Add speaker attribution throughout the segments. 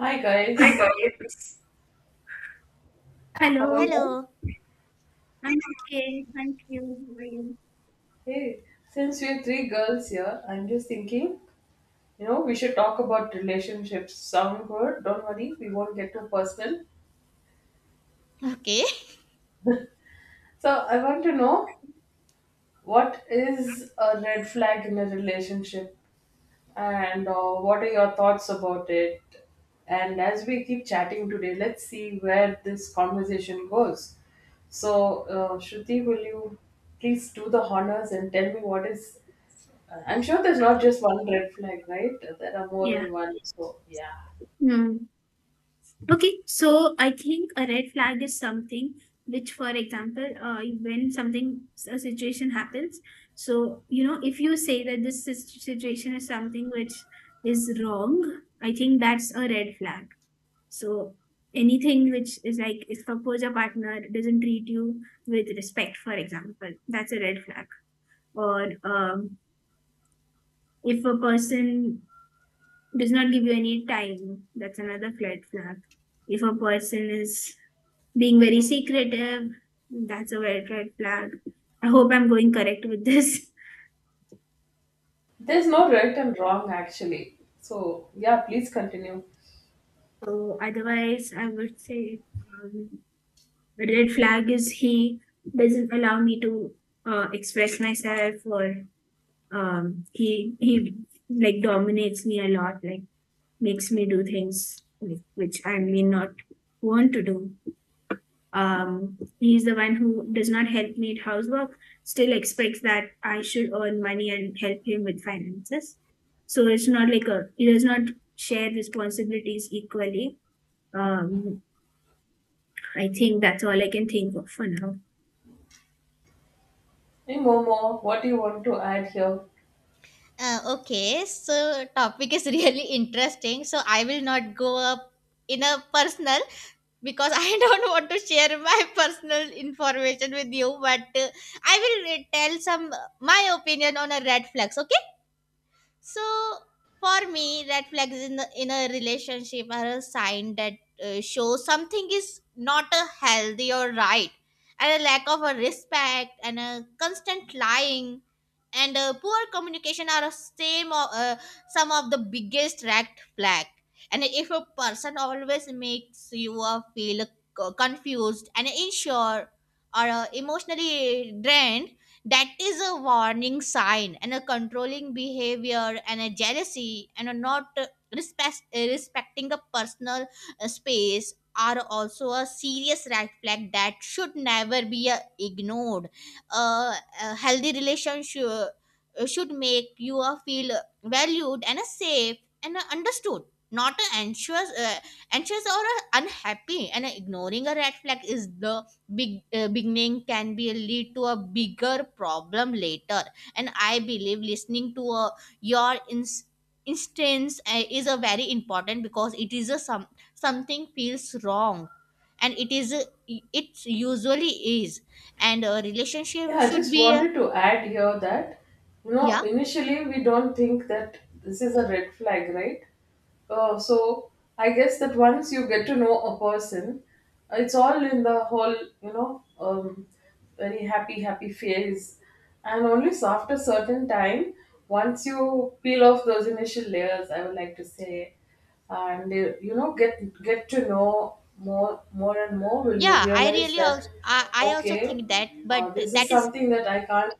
Speaker 1: Hi
Speaker 2: Hi,
Speaker 1: guys,
Speaker 2: got
Speaker 1: how are
Speaker 2: Hello,
Speaker 1: you all?
Speaker 3: Hello.
Speaker 2: I'm okay. Thank you. How are you?
Speaker 1: Hey, since we're three girls here, I'm just thinking, you know, we should talk about relationships. Sound good? Don't worry, we won't get too personal.
Speaker 3: Okay.
Speaker 1: So I want to know what is a red flag in a relationship, and what are your thoughts about it? And as we keep chatting today, let's see where this conversation goes. So, Shruti, will you please do the honors and tell me what is. Uh, I'm sure there's not just one red flag, right? There are more
Speaker 2: Yeah.
Speaker 1: than one. So, yeah.
Speaker 2: Hmm. Okay. So I think a red flag is something which, for example, when something a situation happens, so you know, if you say that this situation is something which is wrong, I think that's a red flag. So anything which is like, if suppose your partner doesn't treat you with respect, for example, that's a red flag. Or if a person does not give you any time, that's another red flag. If a person is being very secretive, that's a red flag. I hope I'm going correct with this.
Speaker 1: There's no right and wrong, actually. So, yeah, please continue.
Speaker 2: So otherwise, I would say um, a red flag is he doesn't allow me to express myself, or um, he like dominates me a lot, like makes me do things like, which I may not want to do. He's the one who does not help me at housework, still expects that I should earn money and help him with finances. So it's not like a he does not share responsibilities equally. um I think that's all I can think of for now.
Speaker 1: Hey, Momo, what do you want to add here?
Speaker 3: Okay. So topic is really interesting. So I will not go up in a personal because I don't want to share my personal information with you. But I will tell some my opinion on a red flags. Okay. So for me, red flags in, the, in a relationship are a sign that show something is not a healthy or right, and a lack of a respect and a constant lying and poor communication are a same of, some of the biggest red flag. And if a person always makes you feel confused and unsure or emotionally drained, that is a warning sign and a controlling behavior and a jealousy and a not respecting a personal space are also a serious red flag that should never be ignored. Uh, a healthy relationship should make you feel valued and safe and understood, not anxious or unhappy, and ignoring a red flag is the big beginning, can be lead to a bigger problem later. And I believe listening to your instance is a very important because it is a some something feels wrong, and it is it usually is. And a
Speaker 1: Yeah,
Speaker 3: relationship
Speaker 1: I
Speaker 3: should
Speaker 1: just
Speaker 3: be.
Speaker 1: wanted to add here that, you know,
Speaker 3: Yeah.
Speaker 1: initially we don't think that this is a red flag, right? So I guess that once you get to know a person, it's all in the whole, you know, um, very happy phase. And only after certain time, once you peel off those initial layers, I would like to say, and you know get to know more and more will you
Speaker 3: yeah i
Speaker 1: realize
Speaker 3: really
Speaker 1: that
Speaker 3: also I, I also
Speaker 1: okay,
Speaker 3: think that, but
Speaker 1: this is
Speaker 3: that is.
Speaker 1: something that I can't,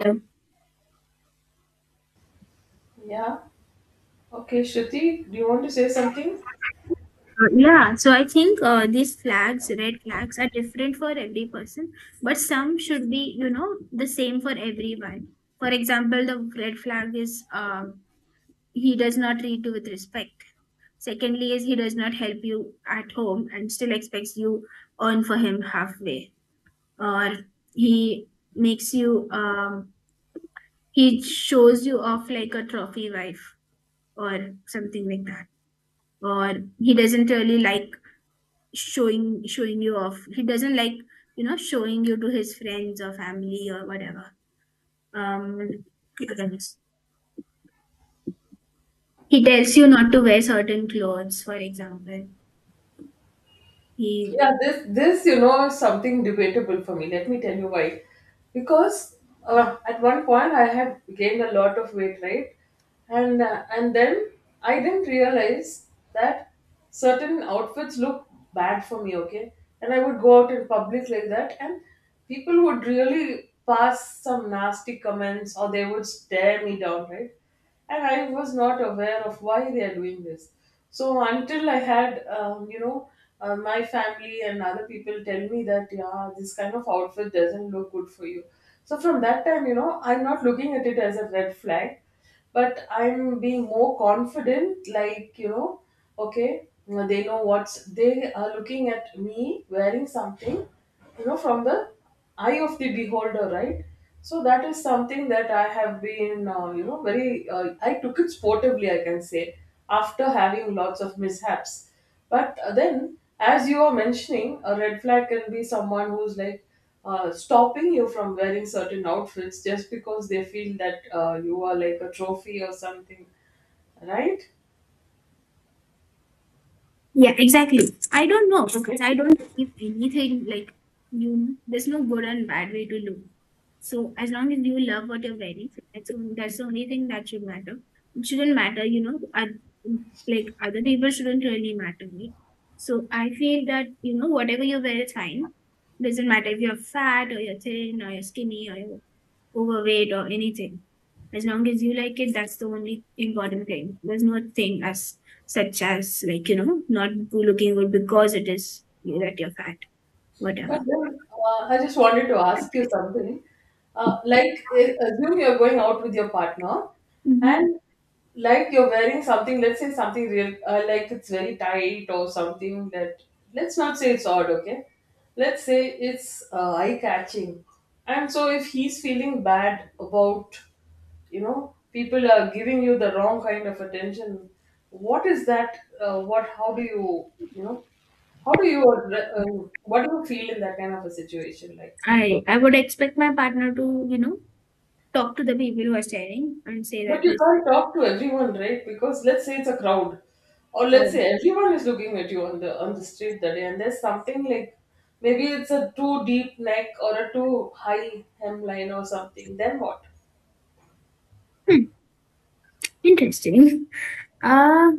Speaker 2: Yeah.
Speaker 1: yeah, okay, Shruti, do you want to say something?
Speaker 2: Yeah, so I think these flags, red flags, are different for every person, but some should be, you know, the same for everyone. For example, the red flag is he does not treat you with respect. Secondly is he does not help you at home and still expects you earn for him halfway. Or he makes you he shows you off like a trophy wife or something like that. Or he doesn't really like showing you off. He doesn't like, you know, showing you to his friends or family or whatever. um he tells you not to wear certain clothes, for example. He
Speaker 1: This you know is something debatable for me. Let me tell you why. Because at one point I had gained a lot of weight, right? And then I didn't realize that certain outfits look bad for me. Okay, and I would go out in public like that, and people would really pass some nasty comments or they would stare me down, right? And I was not aware of why they are doing this. So until I had, you know, my family and other people tell me that yeah, this kind of outfit doesn't look good for you. So from that time, you know, I'm not looking at it as a red flag, but I'm being more confident, like, you know, okay, they know what's they are looking at me wearing something, you know, from the eye of the beholder, right? So that is something that I have been, you know, very, I took it sportively, I can say, after having lots of mishaps. But then as you are mentioning, a red flag can be someone who's like, stopping you from wearing certain outfits just because they feel that you are like a trophy or something, right?
Speaker 2: Yeah, exactly. I don't know because I don't believe anything like you. There's no good and bad way to look. So as long as you love what you're wearing, that's that's the only thing that should matter. It shouldn't matter, you know. Like other people shouldn't really matter, right? So I feel that you know whatever you wear is fine. Doesn't matter if you're fat or you're thin or you're skinny or you're overweight or anything. As long as you like it, that's the only important thing. There's no thing as such as like, you know, not looking good because it is you that you're fat,
Speaker 1: But
Speaker 2: whatever.
Speaker 1: then I just wanted to ask you something. Like, assume you're going out with your partner,
Speaker 2: Hmm.
Speaker 1: and like you're wearing something, let's say something real, like it's very tight or something that, let's not say it's odd, okay? Let's say it's eye catching. And so, if he's feeling bad about, you know, people are giving you the wrong kind of attention, what is that? How do you, you know? How do you, what do you feel in that kind of a situation? Like,
Speaker 2: I would expect my partner to, you know, talk to the people who are staring and say
Speaker 1: but
Speaker 2: that
Speaker 1: you
Speaker 2: listen,
Speaker 1: can't talk to everyone, right? Because let's say it's a crowd, or let's
Speaker 2: oh,
Speaker 1: say everyone is looking at you on the street that day, and there's something like maybe it's a too deep neck or a too high hemline or something. Then what?
Speaker 2: hmm, interesting. Uh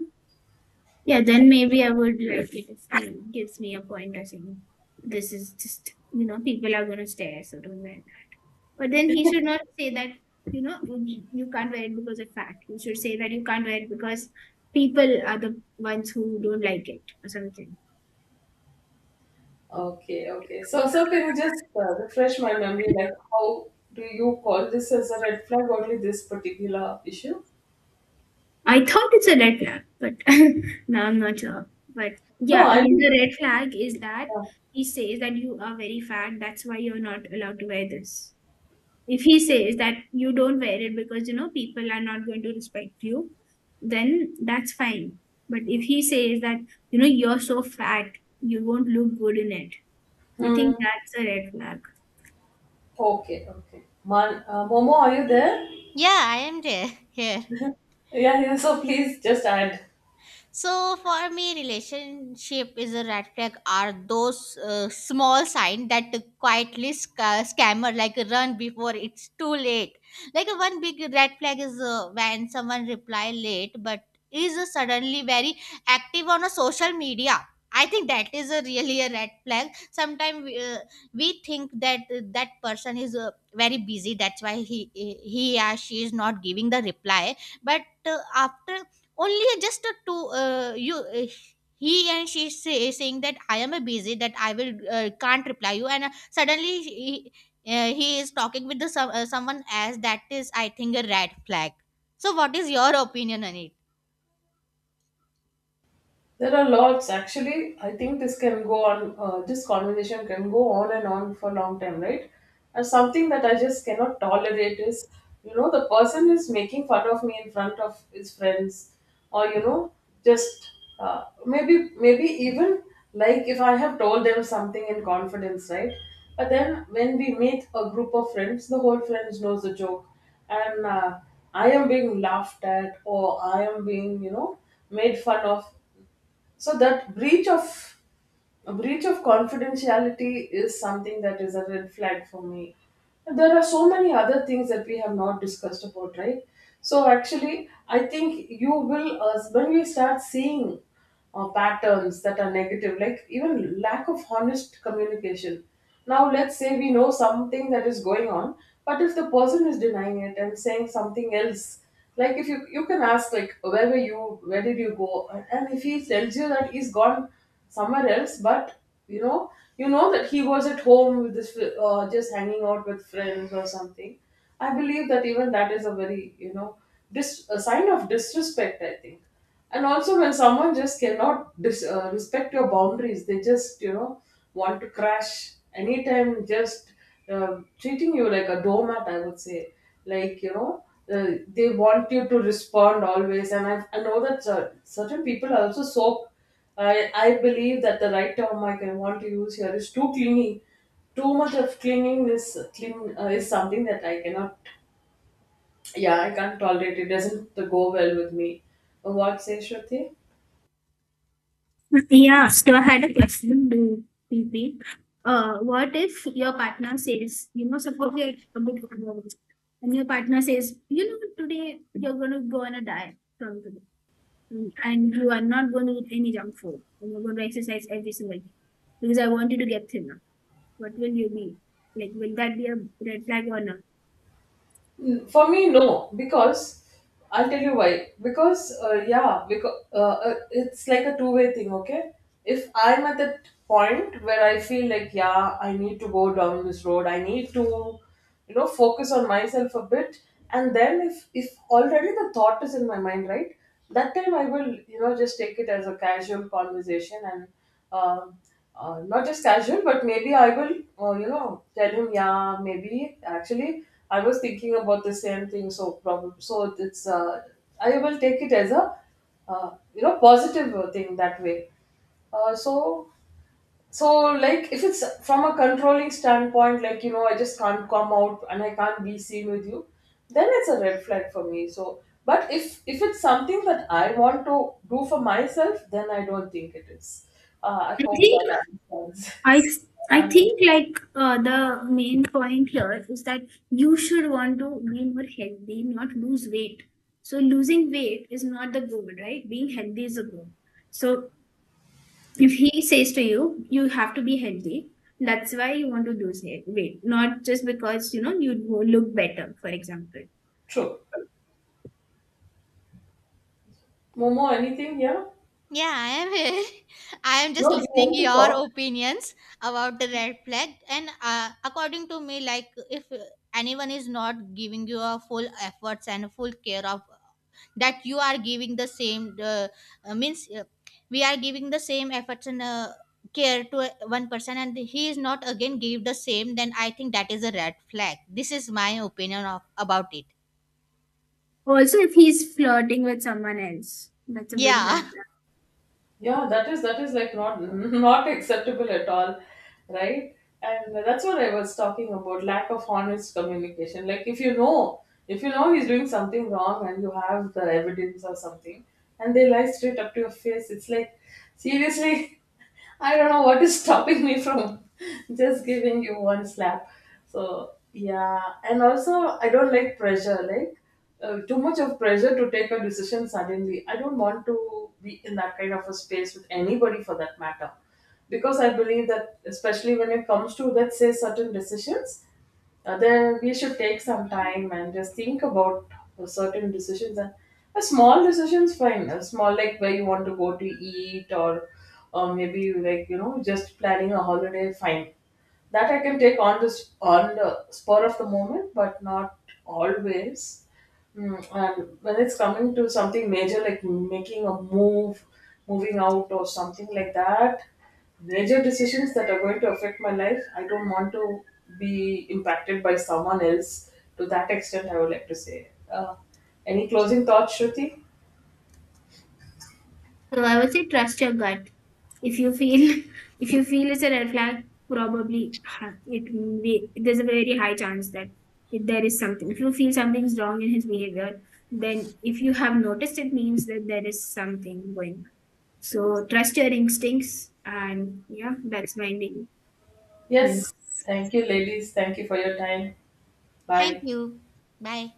Speaker 2: yeah, then maybe I would like it if he gives me a point or saying this is just, you know, people are gonna stare, so don't worry. But then he should not say that, you know, you can't wear it because of fat. You should say that you can't wear it because people are the ones who don't like it or something.
Speaker 1: Okay, okay. So, so can you just refresh my memory? Like, how do you call this as a red flag? Only this particular issue?
Speaker 2: I thought it's a red flag, but now I'm not sure. But
Speaker 1: No,
Speaker 2: yeah, I mean, the
Speaker 1: I'm.
Speaker 2: red flag is that he says that you are very fat, that's why you're not allowed to wear this. If he says that you don't wear it because, you know, people are not going to respect you, then that's fine. But if he says that, you know, you're so fat, you won't look good in it. I
Speaker 1: Hmm.
Speaker 2: think that's a red flag.
Speaker 1: Okay, okay. Man, Momo, are you there?
Speaker 3: Yeah, I am there here.
Speaker 1: Yeah, yeah. So please just add.
Speaker 3: So for me, relationship is a red flag are those small sign that quietly scammer like run before it's too late. Like one big red flag is when someone reply late but is suddenly very active on a social media. I think that is a really a red flag. Sometimes we think that that person is very busy. That's why he or she is not giving the reply. But after only just a two you he and she say saying that I am a busy, that I will can't reply you, and suddenly he is talking with the some, someone, as that is I think a red flag. So what is your opinion on it?
Speaker 1: There are lots, actually. I think this can go on, this conversation can go on and on for a long time, right? And something that I just cannot tolerate is, you know, the person is making fun of me in front of his friends, or you know, just maybe even like if I have told them something in confidence, right? But then when we meet a group of friends, the whole friends knows the joke, and I am being laughed at, or I am being, you know, made fun of, so that breach of a breach of confidentiality is something that is a red flag for me. There are so many other things that we have not discussed about, right? So actually, I think you will when we start seeing patterns that are negative, like even lack of honest communication. Now, let's say we know something that is going on, but if the person is denying it and saying something else, like if you can ask, like, where were you, where did you go, and if he tells you that he's gone somewhere else, but you know, you know that he was at home with this, just hanging out with friends or something. I believe that even that is a very, you know, a sign of disrespect, I think. And also when someone just cannot respect your boundaries, they just, you know, want to crash anytime, just treating you like a doormat, I would say, like, you know, uh, they want you to respond always. And I know that certain people are also so, I believe that the right term I can want to use here is too clingy. Too much of clinging is cling, is something that I cannot, yeah, I can't tolerate. It doesn't go well with me. What say Shruti?
Speaker 2: Yeah, so I had a question to P. P. What if your partner says, you know, suppose you're a bit overweight, and your partner says, you know, today you're going to go on a diet from today, and you are not going to eat any junk food, and you're going to exercise every single day because I want you to get thinner. What will you be? Like, will that be a red flag or not?
Speaker 1: For me, no, because I'll tell you why. Because it's like a two-way thing. Okay, if I'm at that point where I feel like, yeah, I need to go down this road. I need to, you know, focus on myself a bit. And then if already the thought is in my mind, right? That time I will, you know, just take it as a casual conversation and uh, not just casual, but maybe I will, you know, tell him, yeah, maybe actually I was thinking about the same thing. So probably, so it's, I will take it as a, you know, positive thing that way. Uh, so so, like, if it's from a controlling standpoint, like, you know, I just can't come out and I can't be seen with you, then it's a red flag for me. So, but if it's something that I want to do for myself, then I don't think it is. I
Speaker 2: I
Speaker 1: hope
Speaker 2: think
Speaker 1: that answers
Speaker 2: I th- I
Speaker 1: answers.
Speaker 2: think like the main point here is that you should want to be more healthy, not lose weight. So losing weight is not the goal, right? Being healthy is the goal. So if he says to you, you have to be healthy. That's why you want to lose weight, not just because you know you look better, for example.
Speaker 1: True. Momo, anything here?
Speaker 3: Yeah, I am here. I am just
Speaker 1: No, do you
Speaker 3: listening
Speaker 1: want to
Speaker 3: your
Speaker 1: talk?
Speaker 3: opinions about the red flag, and according to me, like if anyone is not giving you a full efforts and full care of that you are giving the same means we are giving the same efforts and care to one person, and he is not again give the same. Then I think that is a red flag. This is my opinion of about it.
Speaker 2: Also, if he's flirting with someone else, that's a big
Speaker 3: Yeah.
Speaker 2: red
Speaker 1: Yeah, that is like not not acceptable at all, right? And that's what I was talking about, lack of honest communication. Like if you know he's doing something wrong and you have the evidence or something, and they lie straight up to your face, it's like seriously. I don't know what is stopping me from just giving you one slap. So yeah, and also I don't like pressure, like too much of pressure to take a decision suddenly. I don't want to be in that kind of a space with anybody for that matter, because I believe that especially when it comes to, let's say, certain decisions, there we should take some time and just think about certain decisions and small decisions fine, small like where you want to go to eat, or maybe you like, you know, just planning a holiday, fine, that I can take on this on the spur of the moment, but not always. Mm, and when it's coming to something major, like making a move, moving out, or something like that, major decisions that are going to affect my life, I don't want to be impacted by someone else to that extent. I would like to say. Any closing thoughts, Shruti?
Speaker 2: So I would say trust your gut. If you feel if you feel it's a red flag, probably huh, it may, there's a very high chance that it, there is something. If you feel something's wrong in his behavior, then if you have noticed, it means that there is something going on. So trust your instincts, and yeah, that's my name.
Speaker 1: Yes. Thank you, ladies. Thank you for your time.
Speaker 3: Thank
Speaker 1: Bye.
Speaker 3: you. Bye.